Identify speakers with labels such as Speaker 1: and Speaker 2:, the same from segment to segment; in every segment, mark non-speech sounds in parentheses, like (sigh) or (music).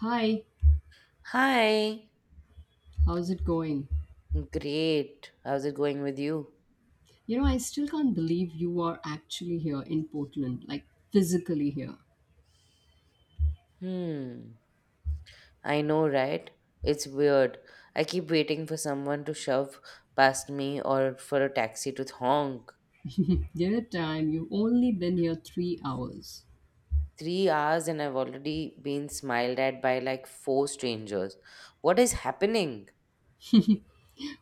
Speaker 1: Hi,
Speaker 2: Hi.
Speaker 1: how's it going?
Speaker 2: Great. How's it going with you?
Speaker 1: You know, I still can't believe you are actually here in Portland, like physically here.
Speaker 2: Hmm. I know, right? It's weird. I keep waiting for someone to shove past me or for a taxi to honk.
Speaker 1: Dear time, you've only been here 3 hours.
Speaker 2: 3 hours and I've already been smiled at by like four strangers. What is happening?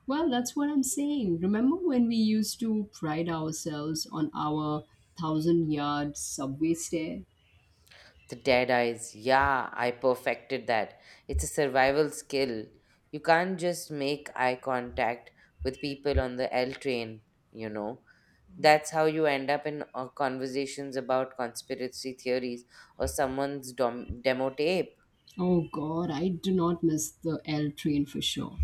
Speaker 1: Well, that's what I'm saying. Remember when we used to pride ourselves on our thousand yard subway stare?
Speaker 2: The dead eyes. Yeah, I perfected that. It's a survival skill. You can't just make eye contact with people on the L train, you know. That's how you end up in conversations about conspiracy theories or someone's demo tape.
Speaker 1: Oh god, I do not miss the L train for sure.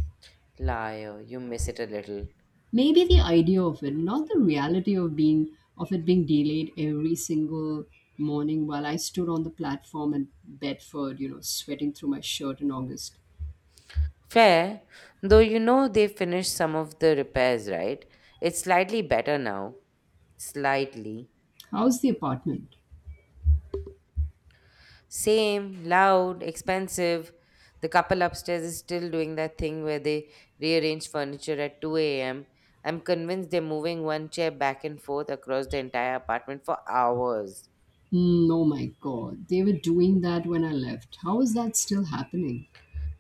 Speaker 2: Liar, you miss it a little.
Speaker 1: Maybe the idea of it, not the reality of being of it being delayed every single morning while I stood on the platform in Bedford, you know, sweating through my shirt in August.
Speaker 2: Fair, though you know they finished some of the repairs, right? It's slightly better now. Slightly.
Speaker 1: How's the apartment?
Speaker 2: Same, loud, expensive. The couple upstairs is still doing that thing where they rearrange furniture at 2 a.m. I'm convinced they're moving one chair back and forth across the entire apartment for hours.
Speaker 1: Mm, oh my god, they were doing that when I left. How is that still happening?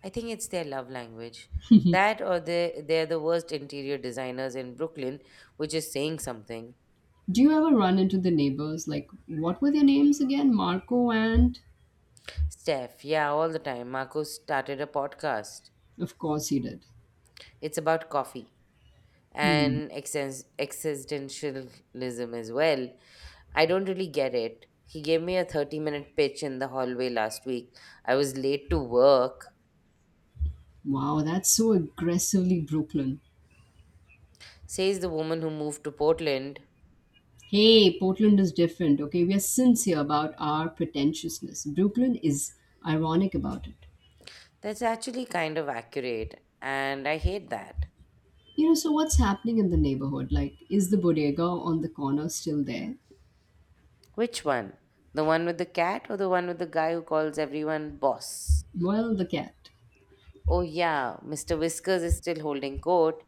Speaker 2: I think it's their love language. That or they're the worst interior designers in Brooklyn, which is saying something.
Speaker 1: Do you ever run into the neighbors? Like, what were their names again? Marco and.
Speaker 2: Steph, yeah, all the time. Marco started a podcast.
Speaker 1: Of course he did.
Speaker 2: It's about coffee
Speaker 1: Hmm.
Speaker 2: and existentialism as well. I don't really get it. He gave me a 30-minute pitch in the hallway last week. I was late to work,
Speaker 1: Wow, that's so aggressively Brooklyn.
Speaker 2: says the woman who moved to Portland.
Speaker 1: Hey, Portland is different, okay? We are sincere about our pretentiousness. Brooklyn is ironic about it.
Speaker 2: That's actually kind of accurate, and I hate that.
Speaker 1: You know, so what's happening in the neighborhood? Like, is the bodega on the corner still there?
Speaker 2: Which one? The one with the cat or the one with the guy who calls everyone boss?
Speaker 1: Well, the cat.
Speaker 2: Oh, yeah, Mr. Whiskers is still holding court.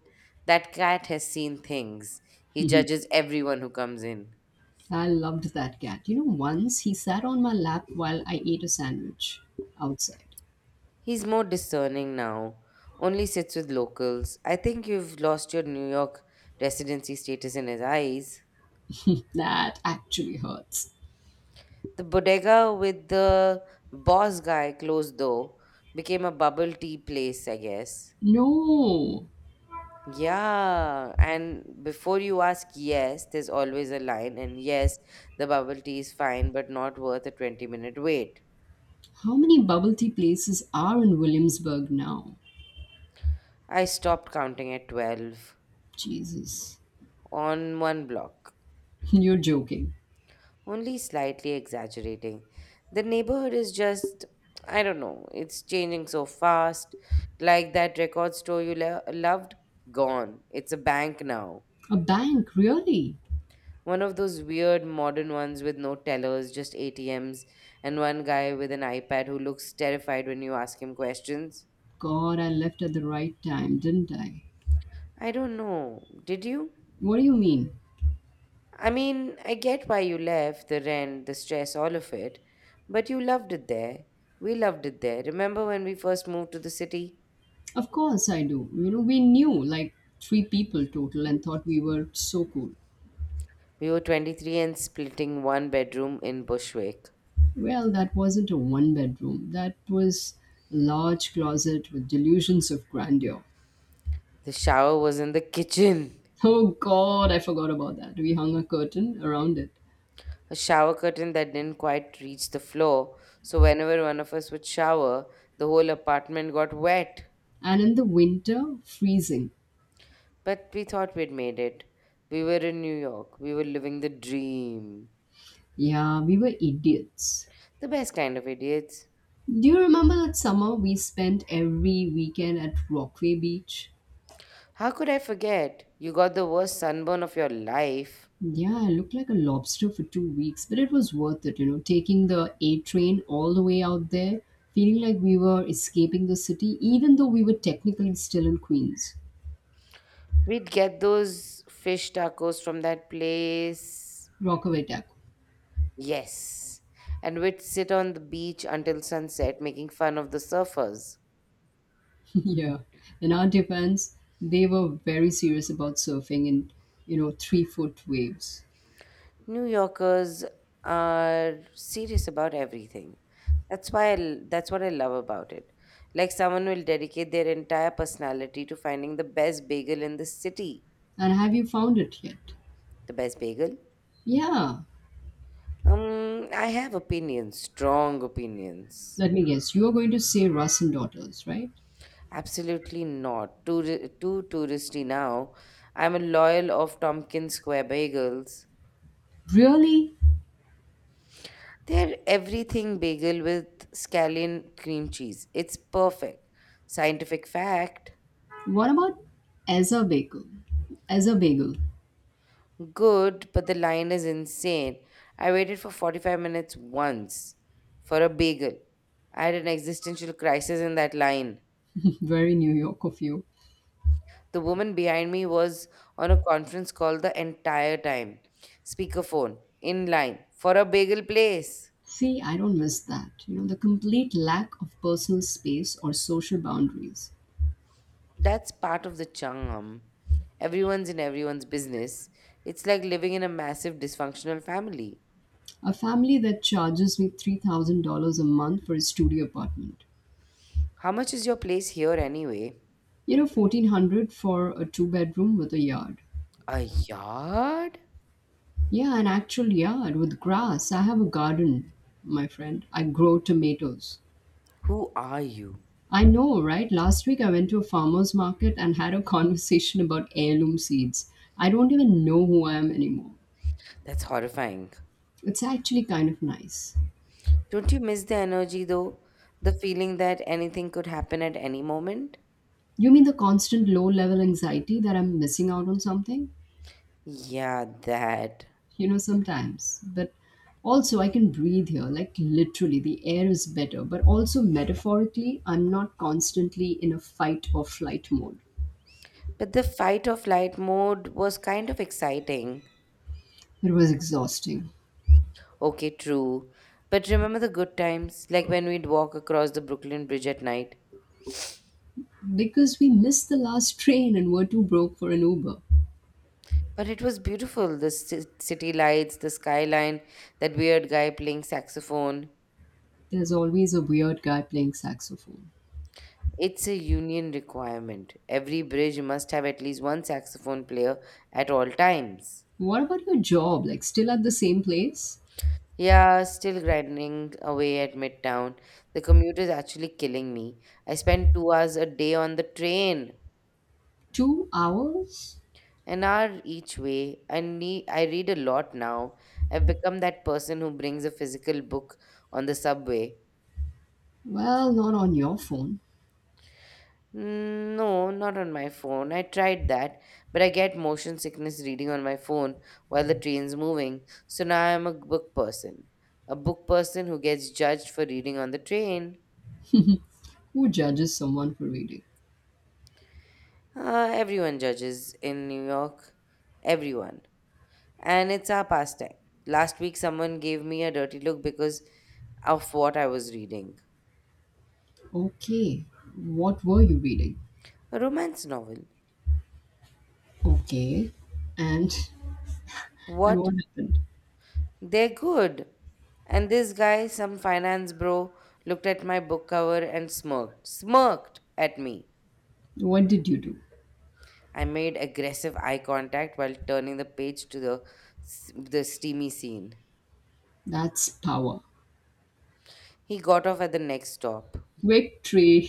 Speaker 2: That cat has seen things. He judges everyone who comes in.
Speaker 1: I loved that cat. You know, once he sat on my lap while I ate a sandwich outside.
Speaker 2: He's more discerning now, only sits with locals. I think you've lost your New York residency status in his eyes.
Speaker 1: (laughs) That actually hurts.
Speaker 2: The bodega with the boss guy closed though, became a bubble tea place, I guess.
Speaker 1: No!
Speaker 2: Yeah, and before you ask, yes, there's always a line, and yes, the bubble tea is fine but not worth a 20-minute wait.
Speaker 1: How many bubble tea places are in Williamsburg now?
Speaker 2: I stopped counting at 12
Speaker 1: Jesus.
Speaker 2: on one block.
Speaker 1: (laughs) You're joking.
Speaker 2: Only slightly exaggerating. The neighborhood is just, I don't know, it's changing so fast. Like that record store you loved, gone. It's a bank now.
Speaker 1: A bank, really?
Speaker 2: One of those weird modern ones with no tellers, just ATMs, and one guy with an iPad who looks terrified when you ask him questions.
Speaker 1: God, I left at the right time, didn't I?
Speaker 2: I don't know. Did you?
Speaker 1: What do you mean?
Speaker 2: I mean, I get why you left, the rent, the stress, all of it, but you loved it there. We loved it there. Remember when we first moved to the city?
Speaker 1: Of course I do. You know, we knew like three people total and thought we were so cool.
Speaker 2: We were 23 and splitting one bedroom in Bushwick.
Speaker 1: Well, that wasn't a one bedroom. That was a large closet with delusions of grandeur.
Speaker 2: The shower was in the kitchen,
Speaker 1: Oh God, I forgot about that. We hung a curtain around it.
Speaker 2: a shower curtain that didn't quite reach the floor. So, whenever one of us would shower, the whole apartment got wet.
Speaker 1: And in the winter, freezing.
Speaker 2: But we thought we'd made it. We were in New York. We were living the dream.
Speaker 1: Yeah, we were idiots.
Speaker 2: The best kind of idiots.
Speaker 1: Do you remember that summer we spent every weekend at Rockaway Beach?
Speaker 2: How could I forget? You got the worst sunburn of your life.
Speaker 1: Yeah, I looked like a lobster for 2 weeks, but it was worth it, you know, taking the A train all the way out there, feeling like we were escaping the city, even though we were technically still in Queens.
Speaker 2: We'd get those fish tacos from that place.
Speaker 1: Rockaway Tech.
Speaker 2: Yes. And we'd sit on the beach until sunset, making fun of the surfers.
Speaker 1: (laughs) Yeah. In our defense, they were very serious about surfing in, you know, 3 foot waves.
Speaker 2: New Yorkers are serious about everything. That's what I love about it. Like someone will dedicate their entire personality to finding the best bagel in the city.
Speaker 1: And have you found it yet?
Speaker 2: The best bagel?
Speaker 1: Yeah.
Speaker 2: I have opinions, strong opinions.
Speaker 1: Let me guess. You are going to say Russ and Daughters, right?
Speaker 2: Absolutely not. Too touristy now. I'm a loyal of Tompkins Square bagels.
Speaker 1: Really?
Speaker 2: Their everything bagel with scallion cream cheese. It's perfect. Scientific fact.
Speaker 1: What about Ezra Bagel? Ezra Bagel.
Speaker 2: Good, but the line is insane. I waited for 45 minutes once for a bagel. I had an existential crisis in that line.
Speaker 1: (laughs) Very New York of you.
Speaker 2: The woman behind me was on a conference call the entire time. Speakerphone, in line, for a bagel place.
Speaker 1: See, I don't miss that. You know, the complete lack of personal space or social boundaries.
Speaker 2: That's part of the charm. Everyone's in everyone's business. It's like living in a massive dysfunctional family.
Speaker 1: A family that charges me $3,000 a month for a studio apartment.
Speaker 2: How much is your place here anyway?
Speaker 1: You know, 1,400 for a two-bedroom with a yard.
Speaker 2: A yard?
Speaker 1: Yeah, an actual yard with grass. I have a garden, my friend. I grow tomatoes.
Speaker 2: Who are you?
Speaker 1: I know, right? Last week I went to a farmer's market and had a (laughs) conversation about heirloom seeds. I don't even know who I am anymore.
Speaker 2: That's horrifying.
Speaker 1: It's actually kind of nice.
Speaker 2: Don't you miss the energy though? The feeling that anything could happen at any moment?
Speaker 1: You mean the constant low level anxiety that I'm missing out on something?
Speaker 2: Yeah, that.
Speaker 1: You know, sometimes. But also, I can breathe here. Like, literally, the air is better. But also, metaphorically, I'm not constantly in a fight or flight mode.
Speaker 2: But the fight or flight mode was kind of exciting.
Speaker 1: It was exhausting
Speaker 2: Okay, true. But remember the good times, like when we'd walk across the Brooklyn Bridge at night.
Speaker 1: because we missed the last train and were too broke for an Uber.
Speaker 2: But it was beautiful, the city lights, the skyline, that weird guy playing saxophone.
Speaker 1: There's always a weird guy playing saxophone.
Speaker 2: It's a union requirement. Every bridge must have at least one saxophone player at all times.
Speaker 1: What about your job? Like, still at the same place?
Speaker 2: Yeah, still grinding away at Midtown. The commute is actually killing me. I spend 2 hours a day on the train,
Speaker 1: 2 hours?
Speaker 2: an hour each way. I read a lot now. I've become that person who brings a physical book on the subway.
Speaker 1: Well, not on your phone.
Speaker 2: No, not on my phone. I tried that, but I get motion sickness reading on my phone while the train's moving. So now I'm a book person. A book person who gets judged for reading on the train.
Speaker 1: (laughs) Who judges someone for reading?
Speaker 2: Everyone judges in New York. Everyone. And it's our pastime. Last week, someone gave me a dirty look because of what I was reading.
Speaker 1: Okay. What were you reading?
Speaker 2: A romance novel.
Speaker 1: Okay. And and
Speaker 2: What?
Speaker 1: what happened?
Speaker 2: They're good. And this guy, some finance bro, looked at my book cover and smirked. Smirked at me.
Speaker 1: What did you do?
Speaker 2: I made aggressive eye contact while turning the page to the steamy scene.
Speaker 1: That's power.
Speaker 2: He got off at the next stop.
Speaker 1: Victory.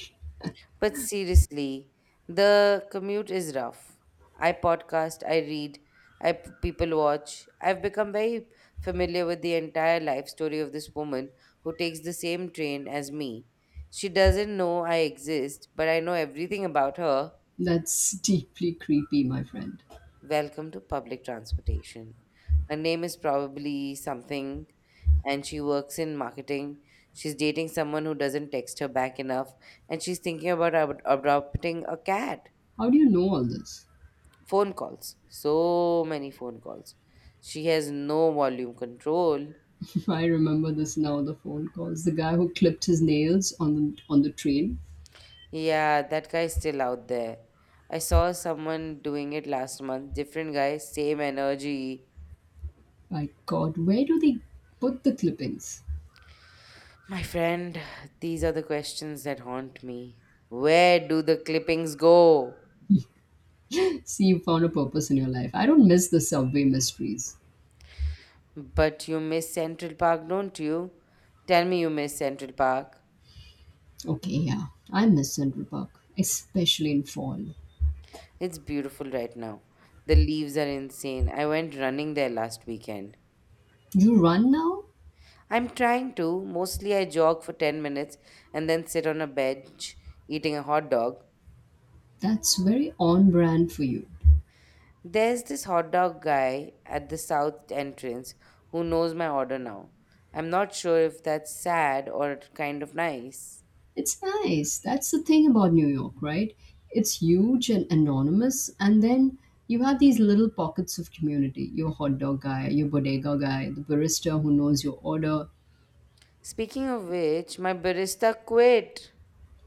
Speaker 2: But seriously, the commute is rough. I podcast, I read, people watch. I've become very familiar with the entire life story of this woman who takes the same train as me. She doesn't know I exist, but I know everything about her.
Speaker 1: That's deeply creepy, my friend.
Speaker 2: Welcome to public transportation. Her name is probably something, and she works in marketing. She's dating someone who doesn't text her back enough, and she's thinking about adopting a cat.
Speaker 1: How do you know all this?
Speaker 2: Phone calls, so many phone calls, she has no volume control.
Speaker 1: (laughs) I remember this now, the phone calls. The guy who clipped his nails on the train.
Speaker 2: Yeah, that guy's still out there. I saw someone doing it last month, different guy, same energy.
Speaker 1: My God, where do they put the clippings?
Speaker 2: My friend, these are the questions that haunt me. Where do the clippings go?
Speaker 1: (laughs) See, you found a purpose in your life. I don't miss the subway mysteries.
Speaker 2: But you miss Central Park, don't you? Tell me you miss Central Park.
Speaker 1: Okay, yeah, I miss Central Park, especially in fall.
Speaker 2: It's beautiful right now. The leaves are insane. I went running there last weekend.
Speaker 1: You run now?
Speaker 2: I'm trying to. Mostly I jog for 10 minutes and then sit on a bench eating a hot dog.
Speaker 1: That's very on brand for you.
Speaker 2: There's this hot dog guy at the south entrance who knows my order now. I'm not sure if that's sad or kind of nice.
Speaker 1: It's nice. That's the thing about New York, right? It's huge and anonymous, and then you have these little pockets of community. Your hot dog guy, your bodega guy, the barista who knows your order.
Speaker 2: Speaking of which, my barista quit.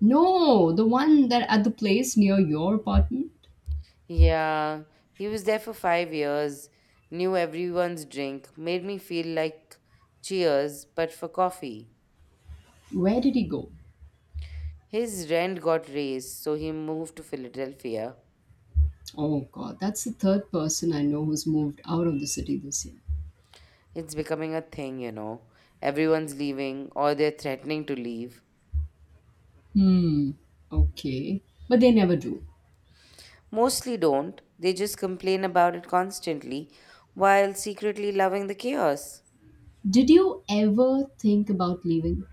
Speaker 1: No, the one that at the place near your apartment.
Speaker 2: Yeah, he was there for 5 years, knew everyone's drink, made me feel like cheers, but for coffee.
Speaker 1: Where did he go?
Speaker 2: His rent got raised, so he moved to Philadelphia.
Speaker 1: Oh god, that's the third person I know who's moved out of the city this year.
Speaker 2: It's becoming a thing, you know. Everyone's leaving or they're threatening to leave.
Speaker 1: Hmm, okay. But they never do.
Speaker 2: Mostly don't, they just complain about it constantly while secretly loving the chaos.
Speaker 1: Did you ever think about leaving?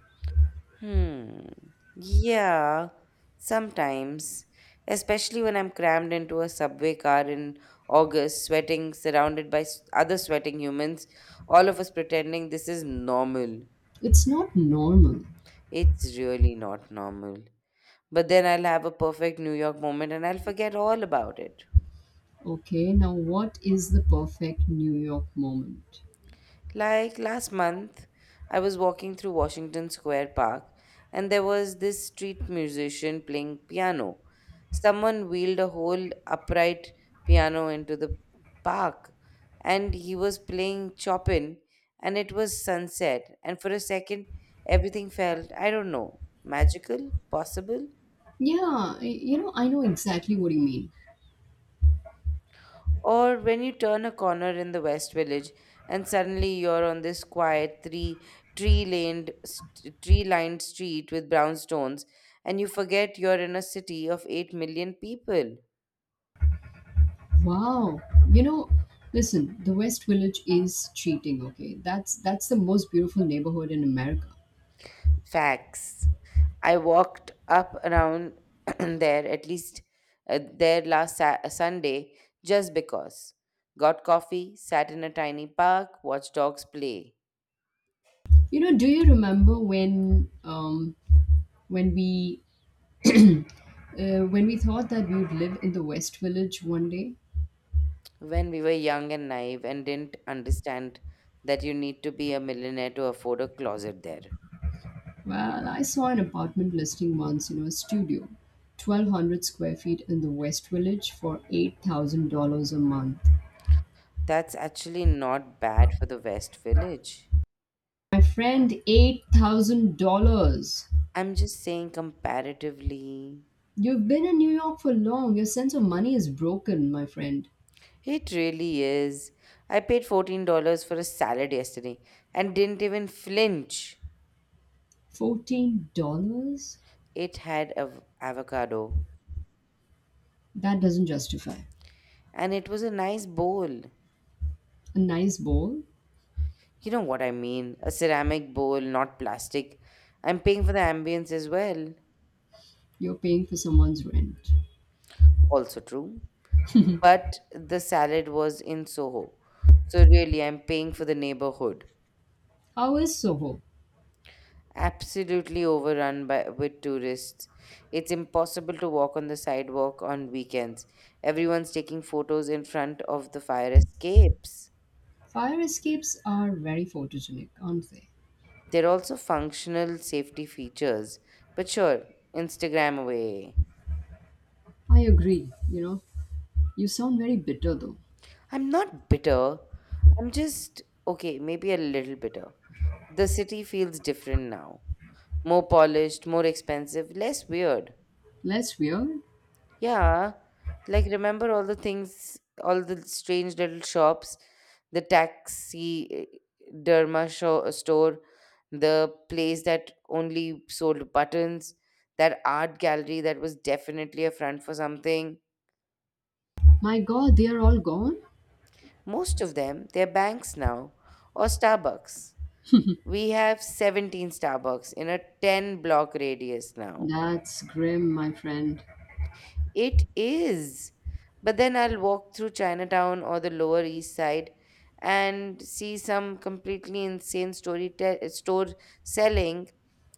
Speaker 2: Hmm. Yeah, sometimes. Especially when I'm crammed into a subway car in August, sweating, surrounded by other sweating humans, all of us pretending this is normal.
Speaker 1: It's not normal.
Speaker 2: It's really not normal. But then I'll have a perfect New York moment and I'll forget all about it.
Speaker 1: Okay, now what is the perfect New York moment?
Speaker 2: Like last month, I was walking through Washington Square Park and there was this street musician playing piano. Someone wheeled a whole upright piano into the park and he was playing Chopin and it was sunset. And for a second, everything felt, I don't know, magical, possible.
Speaker 1: Yeah, you know, I know exactly what you mean.
Speaker 2: Or when you turn a corner in the West Village and suddenly you're on this quiet three tree laned tree lined street with brown stones and you forget you're in a city of 8 million people.
Speaker 1: Wow. You know, listen, the West Village is cheating, okay? That's the most beautiful neighborhood in America.
Speaker 2: Facts. I walked up around (clears throat) there at least there last Sunday just because. Got coffee, sat in a tiny park, watched dogs play.
Speaker 1: You know, do you remember when we (clears throat) uh, when we thought that we would live in the West Village one day?
Speaker 2: When we were young and naive and didn't understand that you need to be a millionaire to afford a closet there.
Speaker 1: Well, I saw an apartment listing once, you know, a studio, 1,200 square feet in the West Village for $8,000 a month.
Speaker 2: That's actually not bad for the West Village.
Speaker 1: My friend, $8,000.
Speaker 2: I'm just saying comparatively.
Speaker 1: You've been in New York for long. Your sense of money is broken, my friend.
Speaker 2: It really is. I paid $14 for a salad yesterday and didn't even flinch.
Speaker 1: $14?
Speaker 2: It had avocado
Speaker 1: That doesn't justify.
Speaker 2: and it was a nice bowl.
Speaker 1: A nice bowl?
Speaker 2: You know what I mean? A ceramic bowl, not plastic. I'm paying for the ambience as well.
Speaker 1: You're paying for someone's rent.
Speaker 2: Also true. But the salad was in Soho. So really, I'm paying for the neighborhood.
Speaker 1: How is Soho?
Speaker 2: Absolutely overrun by with tourists. It's impossible to walk on the sidewalk on weekends. Everyone's taking photos in front of the fire escapes.
Speaker 1: Fire escapes are very photogenic, aren't they?
Speaker 2: There are also functional safety features. But sure, Instagram away.
Speaker 1: I agree, you know. You sound very bitter though.
Speaker 2: I'm not bitter. I'm just, okay, maybe a little bitter. The city feels different now. More polished, more expensive, less weird.
Speaker 1: Less weird?
Speaker 2: Yeah, like remember all the things, all the strange little shops, the taxi derma show, store, the place that only sold buttons, that art gallery that was definitely a front for something.
Speaker 1: My god, they are all gone?
Speaker 2: Most of them, they're banks now, or Starbucks. We have 17 Starbucks in a 10 block radius now.
Speaker 1: That's grim, my friend.
Speaker 2: It is. But then I'll walk through Chinatown or the Lower East Side and see some completely insane store selling,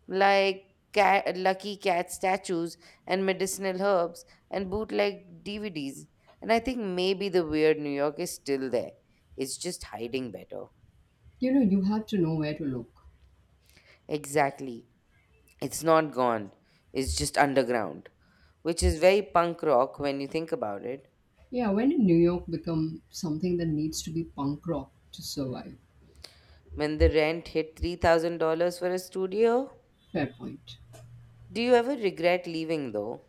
Speaker 2: like, cat, lucky cat statues and medicinal herbs and bootleg DVDs. And I think maybe the weird New York is still there. It's just hiding better.
Speaker 1: You know, you have to know where to look.
Speaker 2: Exactly. It's not gone. It's just underground, which is very punk rock when you think about it.
Speaker 1: Yeah, when did New York become something that needs to be punk rock to survive?
Speaker 2: When the rent hit $3,000 for a studio,
Speaker 1: Fair point.
Speaker 2: do you ever regret leaving though?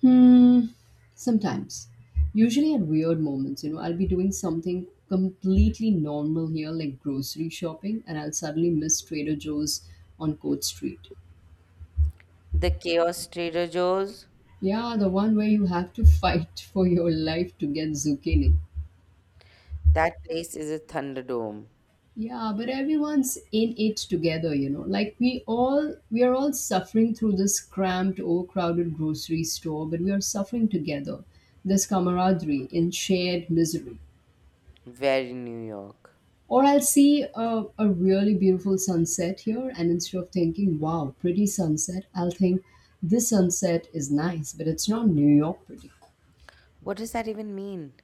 Speaker 1: Hmm, sometimes. Usually at weird moments, you know, I'll be doing something completely normal here, like grocery shopping, and I'll suddenly miss Trader Joe's on Court Street.
Speaker 2: The Chaos Trader Joe's,
Speaker 1: Yeah, the one where you have to (laughs) fight for your life to get zucchini.
Speaker 2: that place is a thunderdome.
Speaker 1: Yeah, but everyone's in it together, you know. Like we are all suffering through this cramped, overcrowded grocery store, but we are suffering together. This camaraderie in shared misery.
Speaker 2: Very New York.
Speaker 1: Or I'll see a really beautiful sunset here, and instead of thinking, wow, pretty sunset, I'll think this sunset is nice, but it's not New York pretty.
Speaker 2: What does that even mean?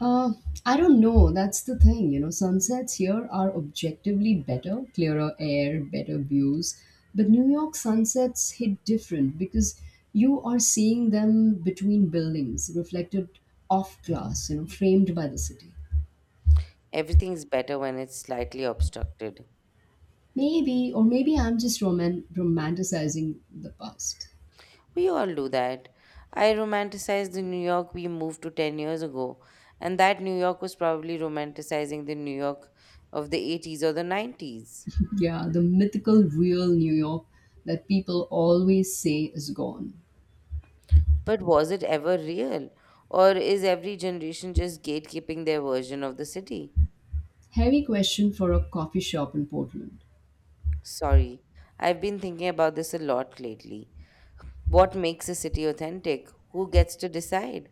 Speaker 1: Uh, I don't know. That's the thing, you know. Sunsets here are objectively better, clearer air, better views. But New York sunsets hit different because you are seeing them between buildings, reflected off glass, you know, framed by the city.
Speaker 2: Everything's better when it's slightly obstructed.
Speaker 1: Maybe, or maybe I'm just romanticizing the past.
Speaker 2: We all do that. I romanticized the New York we moved to 10 years ago, and that New York was probably romanticizing the New York of the 80s or the 90s.
Speaker 1: Yeah, the mythical real New York that people always say is gone.
Speaker 2: But was it ever real? Or is every generation just gatekeeping their version of the city?
Speaker 1: Heavy question for a coffee shop in Portland.
Speaker 2: Sorry, I've been thinking about this a lot lately. What makes a city authentic? Who gets to decide?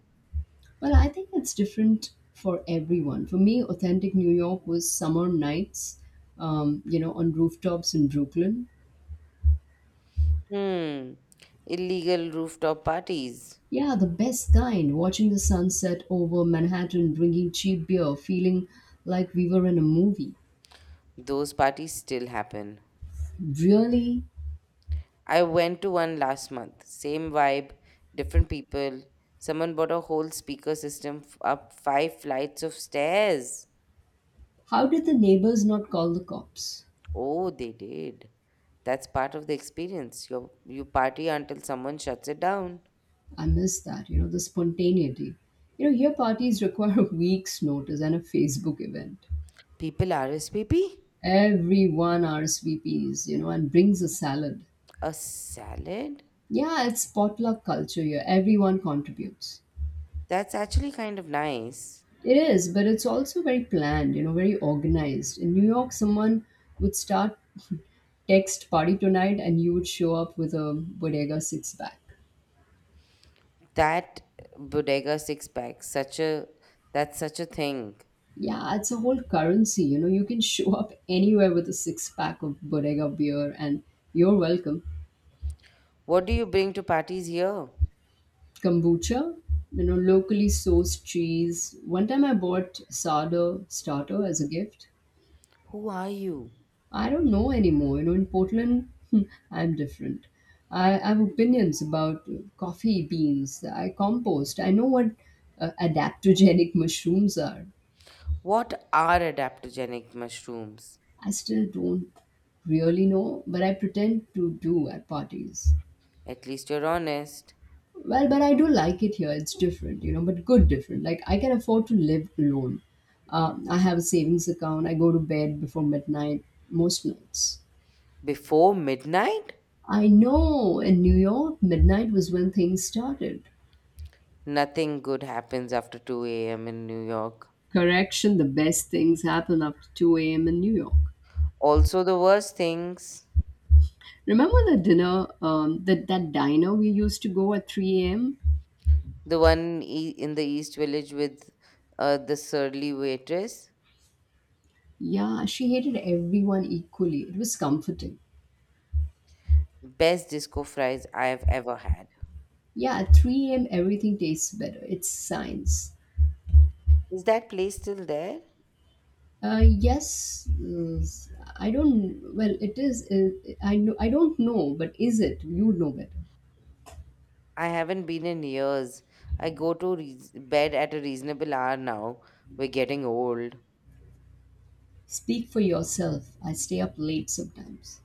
Speaker 1: Well, I think it's different for everyone. For me, authentic New York was summer nights, you know, on rooftops in Brooklyn.
Speaker 2: Hmm, illegal rooftop parties.
Speaker 1: Yeah, the best kind, watching the sunset over Manhattan, drinking cheap beer, feeling like we were in a movie.
Speaker 2: Those parties still happen.
Speaker 1: Really?
Speaker 2: I went to one last month. Same vibe, different people. Someone bought a whole speaker system up five flights of stairs.
Speaker 1: How did the neighbors not call the cops?
Speaker 2: Oh, they did. That's part of the experience. You party until someone shuts it down.
Speaker 1: I miss that, you know, the spontaneity. You know, here parties require (laughs) a week's notice and a Facebook event.
Speaker 2: People RSVP?
Speaker 1: Everyone RSVPs, you know, and brings a salad.
Speaker 2: A salad?
Speaker 1: Yeah, it's potluck culture here. Everyone contributes.
Speaker 2: That's actually kind of nice.
Speaker 1: It is, but it's also very planned, you know, very organized. In New York, someone would start text party tonight and you would show up with a bodega six pack.
Speaker 2: That bodega six pack, such a that's such a thing.
Speaker 1: Yeah, it's a whole currency, you know, you can show up anywhere with a six pack of bodega beer and you're welcome.
Speaker 2: What do you bring to parties here?
Speaker 1: Kombucha, you know, locally sourced cheese. One time I bought sourdough starter as a gift
Speaker 2: Who are you?
Speaker 1: I don't know anymore. You know, in Portland, (laughs) I'm different. I have opinions about coffee beans. I compost. I know what adaptogenic (laughs) mushrooms are.
Speaker 2: What are adaptogenic mushrooms?
Speaker 1: I still don't really know, but I pretend to do at parties.
Speaker 2: At least you're honest.
Speaker 1: Well, but I do like it here. It's different, you know, but good different. Like, I can afford to live alone. I have a savings account. I go to bed before midnight most nights.
Speaker 2: Before midnight?
Speaker 1: I know in New York, midnight was when things started.
Speaker 2: Nothing good happens after 2 a.m. in New York.
Speaker 1: Correction, the best things happen after 2 a.m. in New York.
Speaker 2: Also, the worst things
Speaker 1: Remember the dinner, that diner we used to go at 3 a.m.?
Speaker 2: the one in the East Village with the surly waitress.
Speaker 1: Yeah, she hated everyone equally. It was comforting.
Speaker 2: Best disco fries I have ever had.
Speaker 1: Yeah, at 3 a.m., everything tastes better. It's science.
Speaker 2: Is that place still there?
Speaker 1: Yes, I don't, well, it is, I don't know, but is it? You know better.
Speaker 2: I haven't been in years. I go to reas bed at a reasonable hour now. We're getting old.
Speaker 1: Speak for yourself. I stay up late sometimes.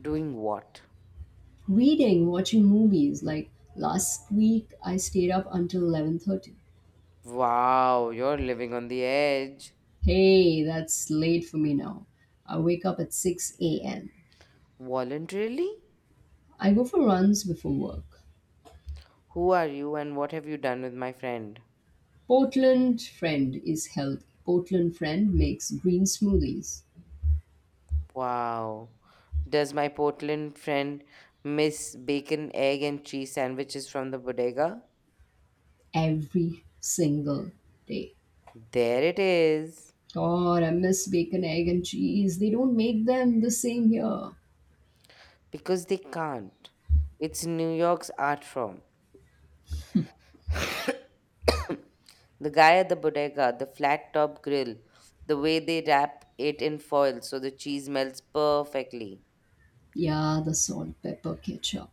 Speaker 2: Doing what?
Speaker 1: Reading, watching movies. Like last week, I stayed up until 11:30.
Speaker 2: Wow, you're living on the edge.
Speaker 1: Hey, that's late for me now. I wake up at 6 a.m.
Speaker 2: Voluntarily?
Speaker 1: I go for runs before work.
Speaker 2: Who are you and what have you done with my friend?
Speaker 1: Portland Friend is healthy. Portland Friend makes green smoothies
Speaker 2: Wow. Does my Portland friend miss bacon, egg, and cheese sandwiches from the bodega?
Speaker 1: every single day.
Speaker 2: There it is.
Speaker 1: God, I miss bacon, egg, and cheese. They don't make them the same here.
Speaker 2: Because they can't. It's New York's art form. (coughs) The guy at the bodega, the flat top grill, the way they wrap it in foil so the cheese melts perfectly.
Speaker 1: Yeah, the salt, pepper, ketchup.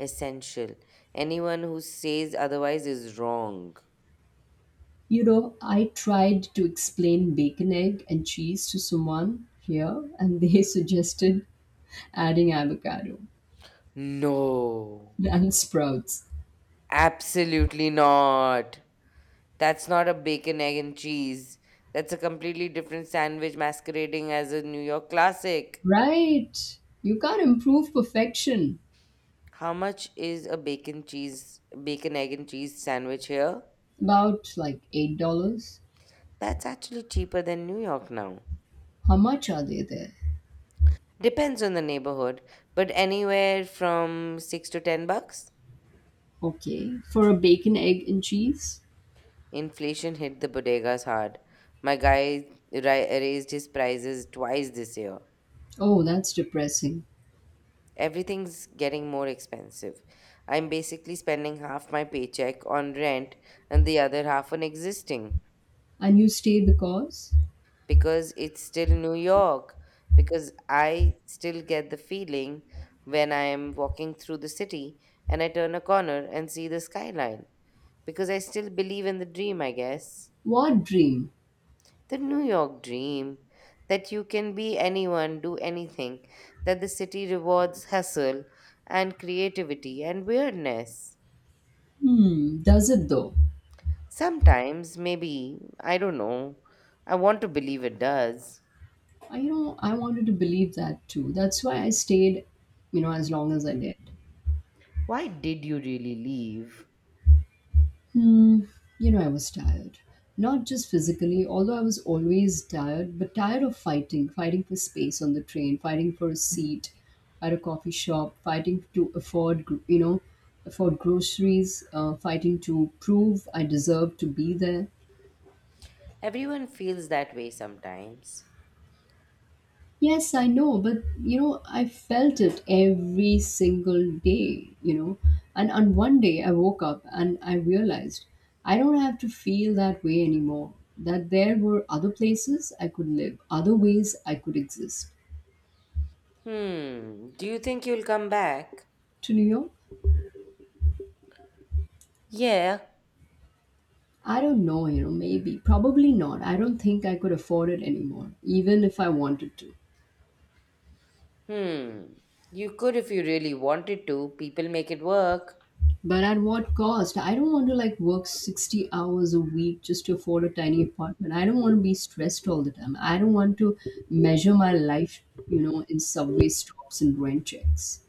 Speaker 2: Essential. Anyone who says otherwise is wrong.
Speaker 1: You know, I tried to explain bacon, egg, and cheese to someone here, and they (laughs) suggested adding avocado
Speaker 2: No.
Speaker 1: and sprouts.
Speaker 2: Absolutely not. That's not a bacon, egg, and cheese. That's a completely different sandwich masquerading as a New York classic.
Speaker 1: Right. You can't improve perfection.
Speaker 2: How much is a bacon, egg, and cheese sandwich here?
Speaker 1: About like $8.
Speaker 2: That's actually cheaper than New York now.
Speaker 1: How much are they there?
Speaker 2: Depends on the neighborhood, but anywhere from $6 to $10.
Speaker 1: Okay. For a bacon, egg, and cheese?
Speaker 2: Inflation hit the bodegas hard. My guy raised his prices twice this year.
Speaker 1: Oh, that's depressing.
Speaker 2: Everything's getting more expensive. I'm basically spending half my paycheck on rent and the other half on existing
Speaker 1: And you stay because?
Speaker 2: because it's still New York. Because I still get the feeling when I am walking through the city and I turn a corner and see the skyline because I still believe in the dream, I guess.
Speaker 1: What dream?
Speaker 2: The New York dream that you can be anyone, do anything, that the city rewards hustle and creativity and weirdness.
Speaker 1: Hmm, does it though?
Speaker 2: Sometimes, maybe, I don't know. I want to believe it does.
Speaker 1: I wanted to believe that too. That's why I stayed, as long as I did.
Speaker 2: Why did you really leave?
Speaker 1: Hmm, I was tired. Not just physically, although I was always tired, but tired of fighting, fighting for space on the train, fighting for a seat at a coffee shop, fighting to afford, afford groceries, fighting to prove I deserve to be there.
Speaker 2: Everyone feels that way sometimes.
Speaker 1: Yes, I know, but I felt it every single day. And on one day, I woke up and I realized I don't have to feel that way anymore. That there were other places I could live, other ways I could exist.
Speaker 2: Hmm, do you think you'll come back?
Speaker 1: To New York,
Speaker 2: Yeah.
Speaker 1: I don't know, maybe, probably not. I don't think I could afford it anymore, even if I wanted to.
Speaker 2: Hmm, you could if you really wanted to. People make it work.
Speaker 1: But at what cost? I don't want to like work 60 hours a week just to afford a tiny apartment. I don't want to be stressed all the time. I don't want to measure my life, in subway stops and rent checks.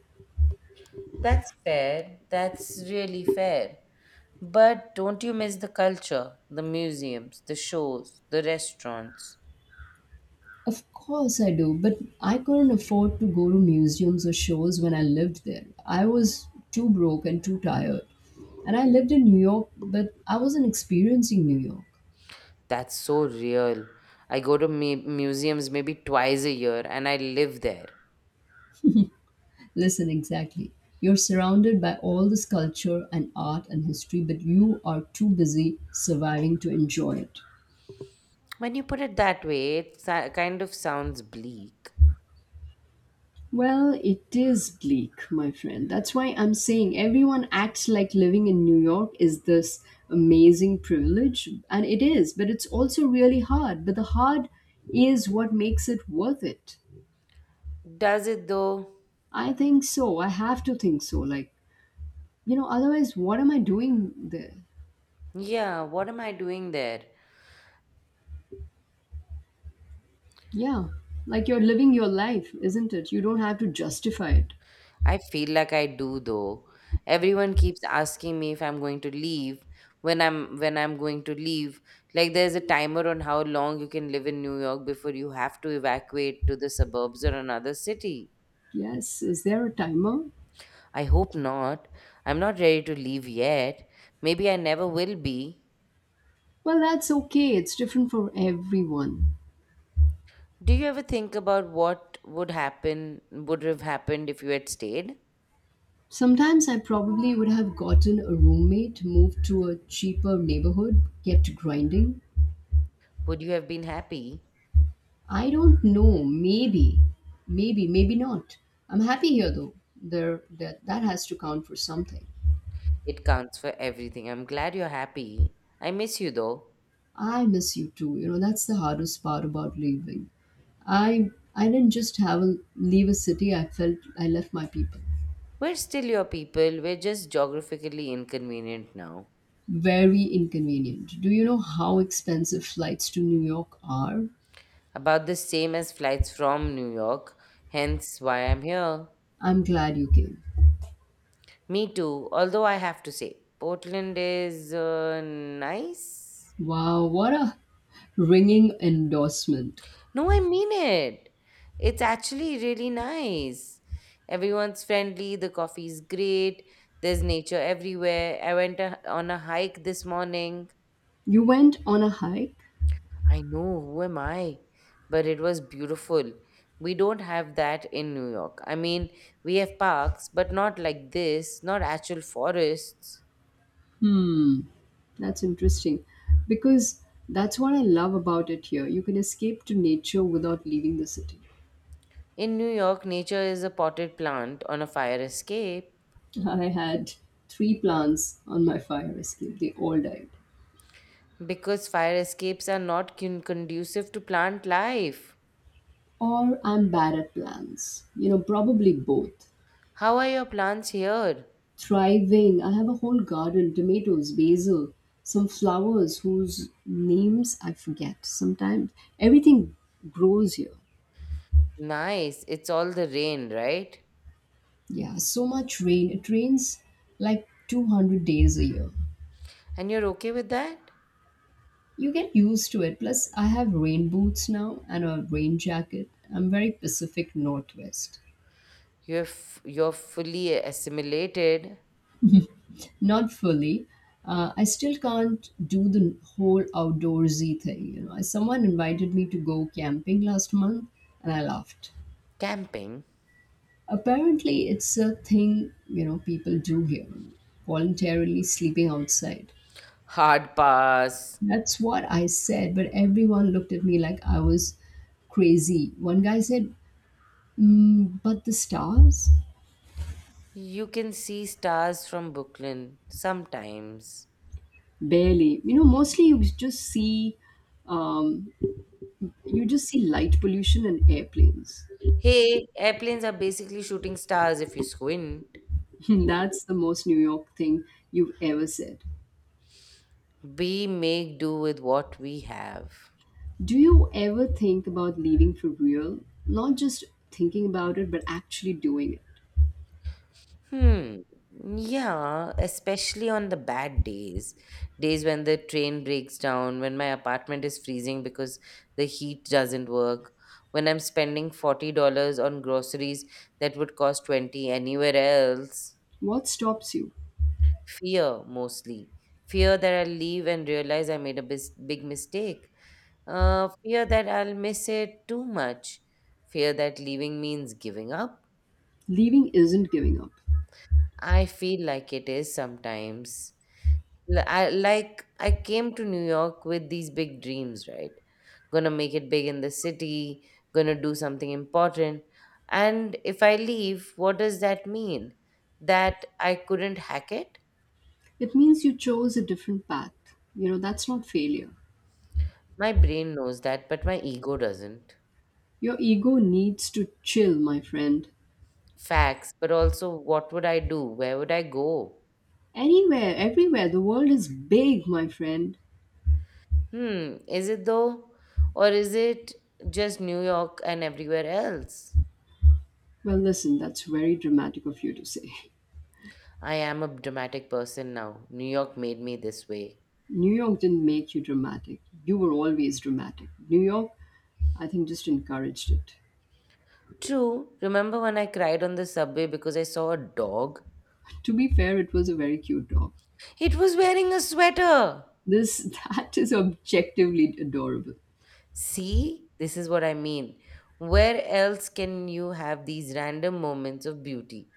Speaker 2: That's fair. That's really fair. But don't you miss the culture, the museums, the shows, the restaurants?
Speaker 1: Of course I do, but I couldn't afford to go to museums or shows when I lived there. I was too broke and too tired. And I lived in New York, but I wasn't experiencing New York.
Speaker 2: That's so real. I go to museums maybe twice a year and I live there.
Speaker 1: Listen, exactly. You're surrounded by all this culture and art and history, but you are too busy surviving to enjoy it.
Speaker 2: When you put it that way, it kind of sounds bleak.
Speaker 1: Well, it is bleak, my friend. That's why I'm saying everyone acts like living in New York is this amazing privilege, and it is, but it's also really hard. But the hard is what makes it worth it.
Speaker 2: Does it though?
Speaker 1: I think so. I have to think so. Like, otherwise, what am I doing there?
Speaker 2: Yeah, what am I doing there?
Speaker 1: Yeah, like you're living your life, isn't it? You don't have to justify it.
Speaker 2: I feel like I do though. Everyone keeps asking me if I'm going to leave, when I'm going to leave. Like there's a timer on how long you can live in New York before you have to evacuate to the suburbs or another city.
Speaker 1: Yes, is there a timer?
Speaker 2: I hope not. I'm not ready to leave yet. Maybe I never will be.
Speaker 1: Well, that's okay. It's different for everyone.
Speaker 2: Do you ever think about what would happen, would have happened if you had stayed?
Speaker 1: Sometimes I probably would have gotten a roommate, moved to a cheaper neighborhood, kept grinding.
Speaker 2: Would you have been happy?
Speaker 1: I don't know. Maybe, maybe, maybe not. I'm happy here though. There, that has to count for something.
Speaker 2: It counts for everything. I'm glad you're happy. I miss you though.
Speaker 1: I miss you too. That's the hardest part about leaving. I didn't just leave a city. I felt I left my people.
Speaker 2: We're still your people. We're just geographically inconvenient now.
Speaker 1: Very inconvenient. Do you know how expensive flights to New York are?
Speaker 2: About the same as flights from New York, hence why I'm here.
Speaker 1: I'm glad you came.
Speaker 2: Me too, although I have to say, Portland is nice.
Speaker 1: Wow, what a ringing endorsement.
Speaker 2: No, I mean it. It's actually really nice. Everyone's friendly, the coffee's great, there's nature everywhere. I went on a hike this morning.
Speaker 1: You went on a hike?
Speaker 2: I know, who am I? But it was beautiful. We don't have that in New York. I mean, we have parks, but not like this, not actual forests.
Speaker 1: Hmm, that's interesting. Because that's what I love about it here. You can escape to nature without leaving the city.
Speaker 2: In New York, nature is a potted plant on a fire escape
Speaker 1: I had three plants on my fire escape. They all died.
Speaker 2: because fire escapes are not conducive to plant life.
Speaker 1: Or I'm bad at plants. Probably both.
Speaker 2: How are your plants here?
Speaker 1: Thriving, I have a whole garden tomatoes, basil, some flowers whose names I forget sometimes. Everything grows here.
Speaker 2: Nice. It's all the rain, right?
Speaker 1: Yeah, so much rain. It rains like 200 days a year.
Speaker 2: And you're okay with that?
Speaker 1: You get used to it. Plus, I have rain boots now and a rain jacket. I'm very Pacific Northwest.
Speaker 2: You're fully assimilated.
Speaker 1: Not fully. I still can't do the whole outdoorsy thing. Someone invited me to go camping last month, and I laughed.
Speaker 2: Camping.
Speaker 1: Apparently, it's a thing people do here, voluntarily sleeping outside.
Speaker 2: Hard pass.
Speaker 1: That's what I said, but everyone looked at me like I was crazy. One guy said, mm, "But the stars."
Speaker 2: You can see stars from Brooklyn sometimes.
Speaker 1: Barely. Mostly um, you just see light pollution and airplanes.
Speaker 2: Hey, airplanes are basically shooting stars if you squint.
Speaker 1: (laughs) That's the most New York thing you've ever said.
Speaker 2: We make do with what we have.
Speaker 1: Do you ever think about leaving for real? Not just thinking about it, but actually doing it.
Speaker 2: Hmm. Yeah, especially on the bad days, days when the train breaks down, when my apartment is freezing because the heat doesn't work, when I'm spending $40 on groceries that would cost 20 anywhere else.
Speaker 1: What stops you?
Speaker 2: Fear mostly. Fear that I'll leave and realize I made a big mistake. Fear that I'll miss it too much. Fear that leaving means giving up.
Speaker 1: Leaving isn't giving up.
Speaker 2: I feel like it is sometimes. Like I came to New York with these big dreams, right? Gonna make it big in the city, gonna do something important. And if I leave, what does that mean? That I couldn't hack it?
Speaker 1: It means you chose a different path. You know, that's not failure.
Speaker 2: My brain knows that, but my ego doesn't.
Speaker 1: Your ego needs to chill, my friend.
Speaker 2: Facts, but also what would I do? Where would I go?
Speaker 1: Anywhere, everywhere, the world is big, my friend.
Speaker 2: Hmm, is it though? Or is it just New York and everywhere else?
Speaker 1: Well, listen, that's very dramatic of you to say.
Speaker 2: I am a dramatic person now. New York made me this way.
Speaker 1: (laughs) New York didn't make you dramatic. You were always dramatic. New York I think just encouraged it.
Speaker 2: True. Remember when I cried on the subway because I saw a dog?
Speaker 1: To be fair, it was a very cute dog.
Speaker 2: It was wearing a sweater.
Speaker 1: This (laughs) that is objectively adorable.
Speaker 2: See, this is what I mean. Where else can you have these random moments of beauty?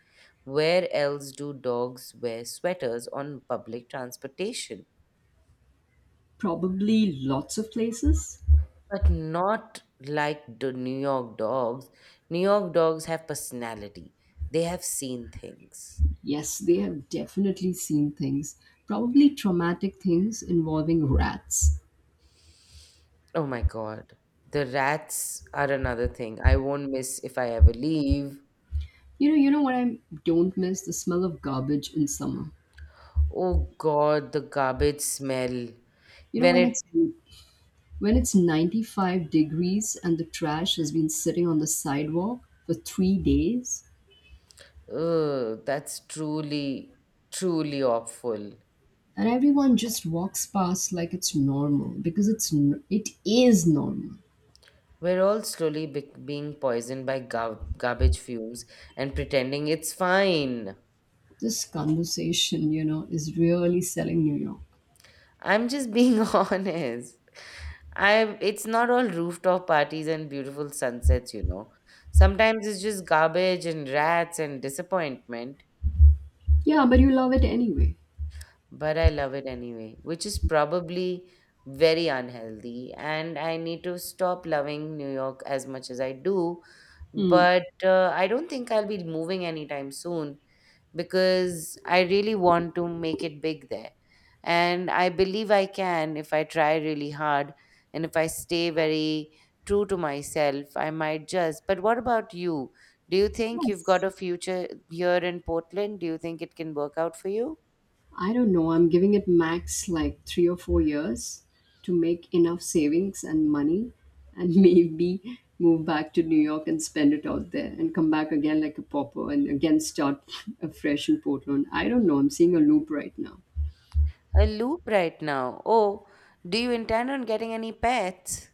Speaker 2: Where else do dogs wear sweaters on public transportation?
Speaker 1: Probably lots of places.
Speaker 2: But not like the New York dogs. New York dogs have personality, they have seen things.
Speaker 1: Yes, they have definitely seen things. Probably traumatic things involving rats.
Speaker 2: Oh my god. The rats are another thing I won't miss if I ever leave.
Speaker 1: You know what, I don't miss the smell of garbage in summer.
Speaker 2: Oh God, the garbage smell.
Speaker 1: You know
Speaker 2: When
Speaker 1: when
Speaker 2: it,
Speaker 1: it's when it's 95 degrees and the trash has been sitting on the sidewalk for 3 days.
Speaker 2: ugh, that's truly, truly awful.
Speaker 1: And everyone just walks past like it's normal because it's n- it is normal.
Speaker 2: We're all slowly being poisoned by garbage fumes and pretending it's fine.
Speaker 1: This conversation is really selling New York.
Speaker 2: I'm just being (laughs) honest. I It's not all rooftop parties and beautiful sunsets, you know. Sometimes it's just garbage and rats and disappointment.
Speaker 1: Yeah, but you love it anyway.
Speaker 2: But I love it anyway, which is probably very unhealthy. And I need to stop loving New York as much as I do.
Speaker 1: Hmm.
Speaker 2: But I don't think I'll be moving anytime soon because I really want to make it big there. And I believe I can if I try really hard and if I stay very true to myself, I might just. But what about you? Do you think you've
Speaker 1: Yes.
Speaker 2: got a future here in Portland? Do you think it can work out for you?
Speaker 1: I don't know, I'm giving it max like 3 or 4 years to make enough savings and money and (laughs) maybe move back to New York and spend it out there and come back again like a pauper and again start (laughs) afresh in Portland. I don't know, I'm seeing a loop right now.
Speaker 2: A loop right now. Oh, do you intend on getting any pets?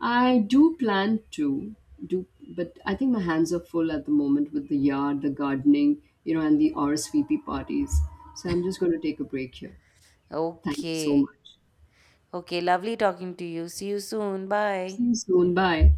Speaker 1: I do plan to do, but I think my hands are full at the moment with the yard, the gardening, and the RSVP parties. So I'm just going to take a break here. Thank you so
Speaker 2: Okay.
Speaker 1: much.
Speaker 2: Okay, lovely talking to you. See you soon.
Speaker 1: See
Speaker 2: Bye.
Speaker 1: you soon. Bye.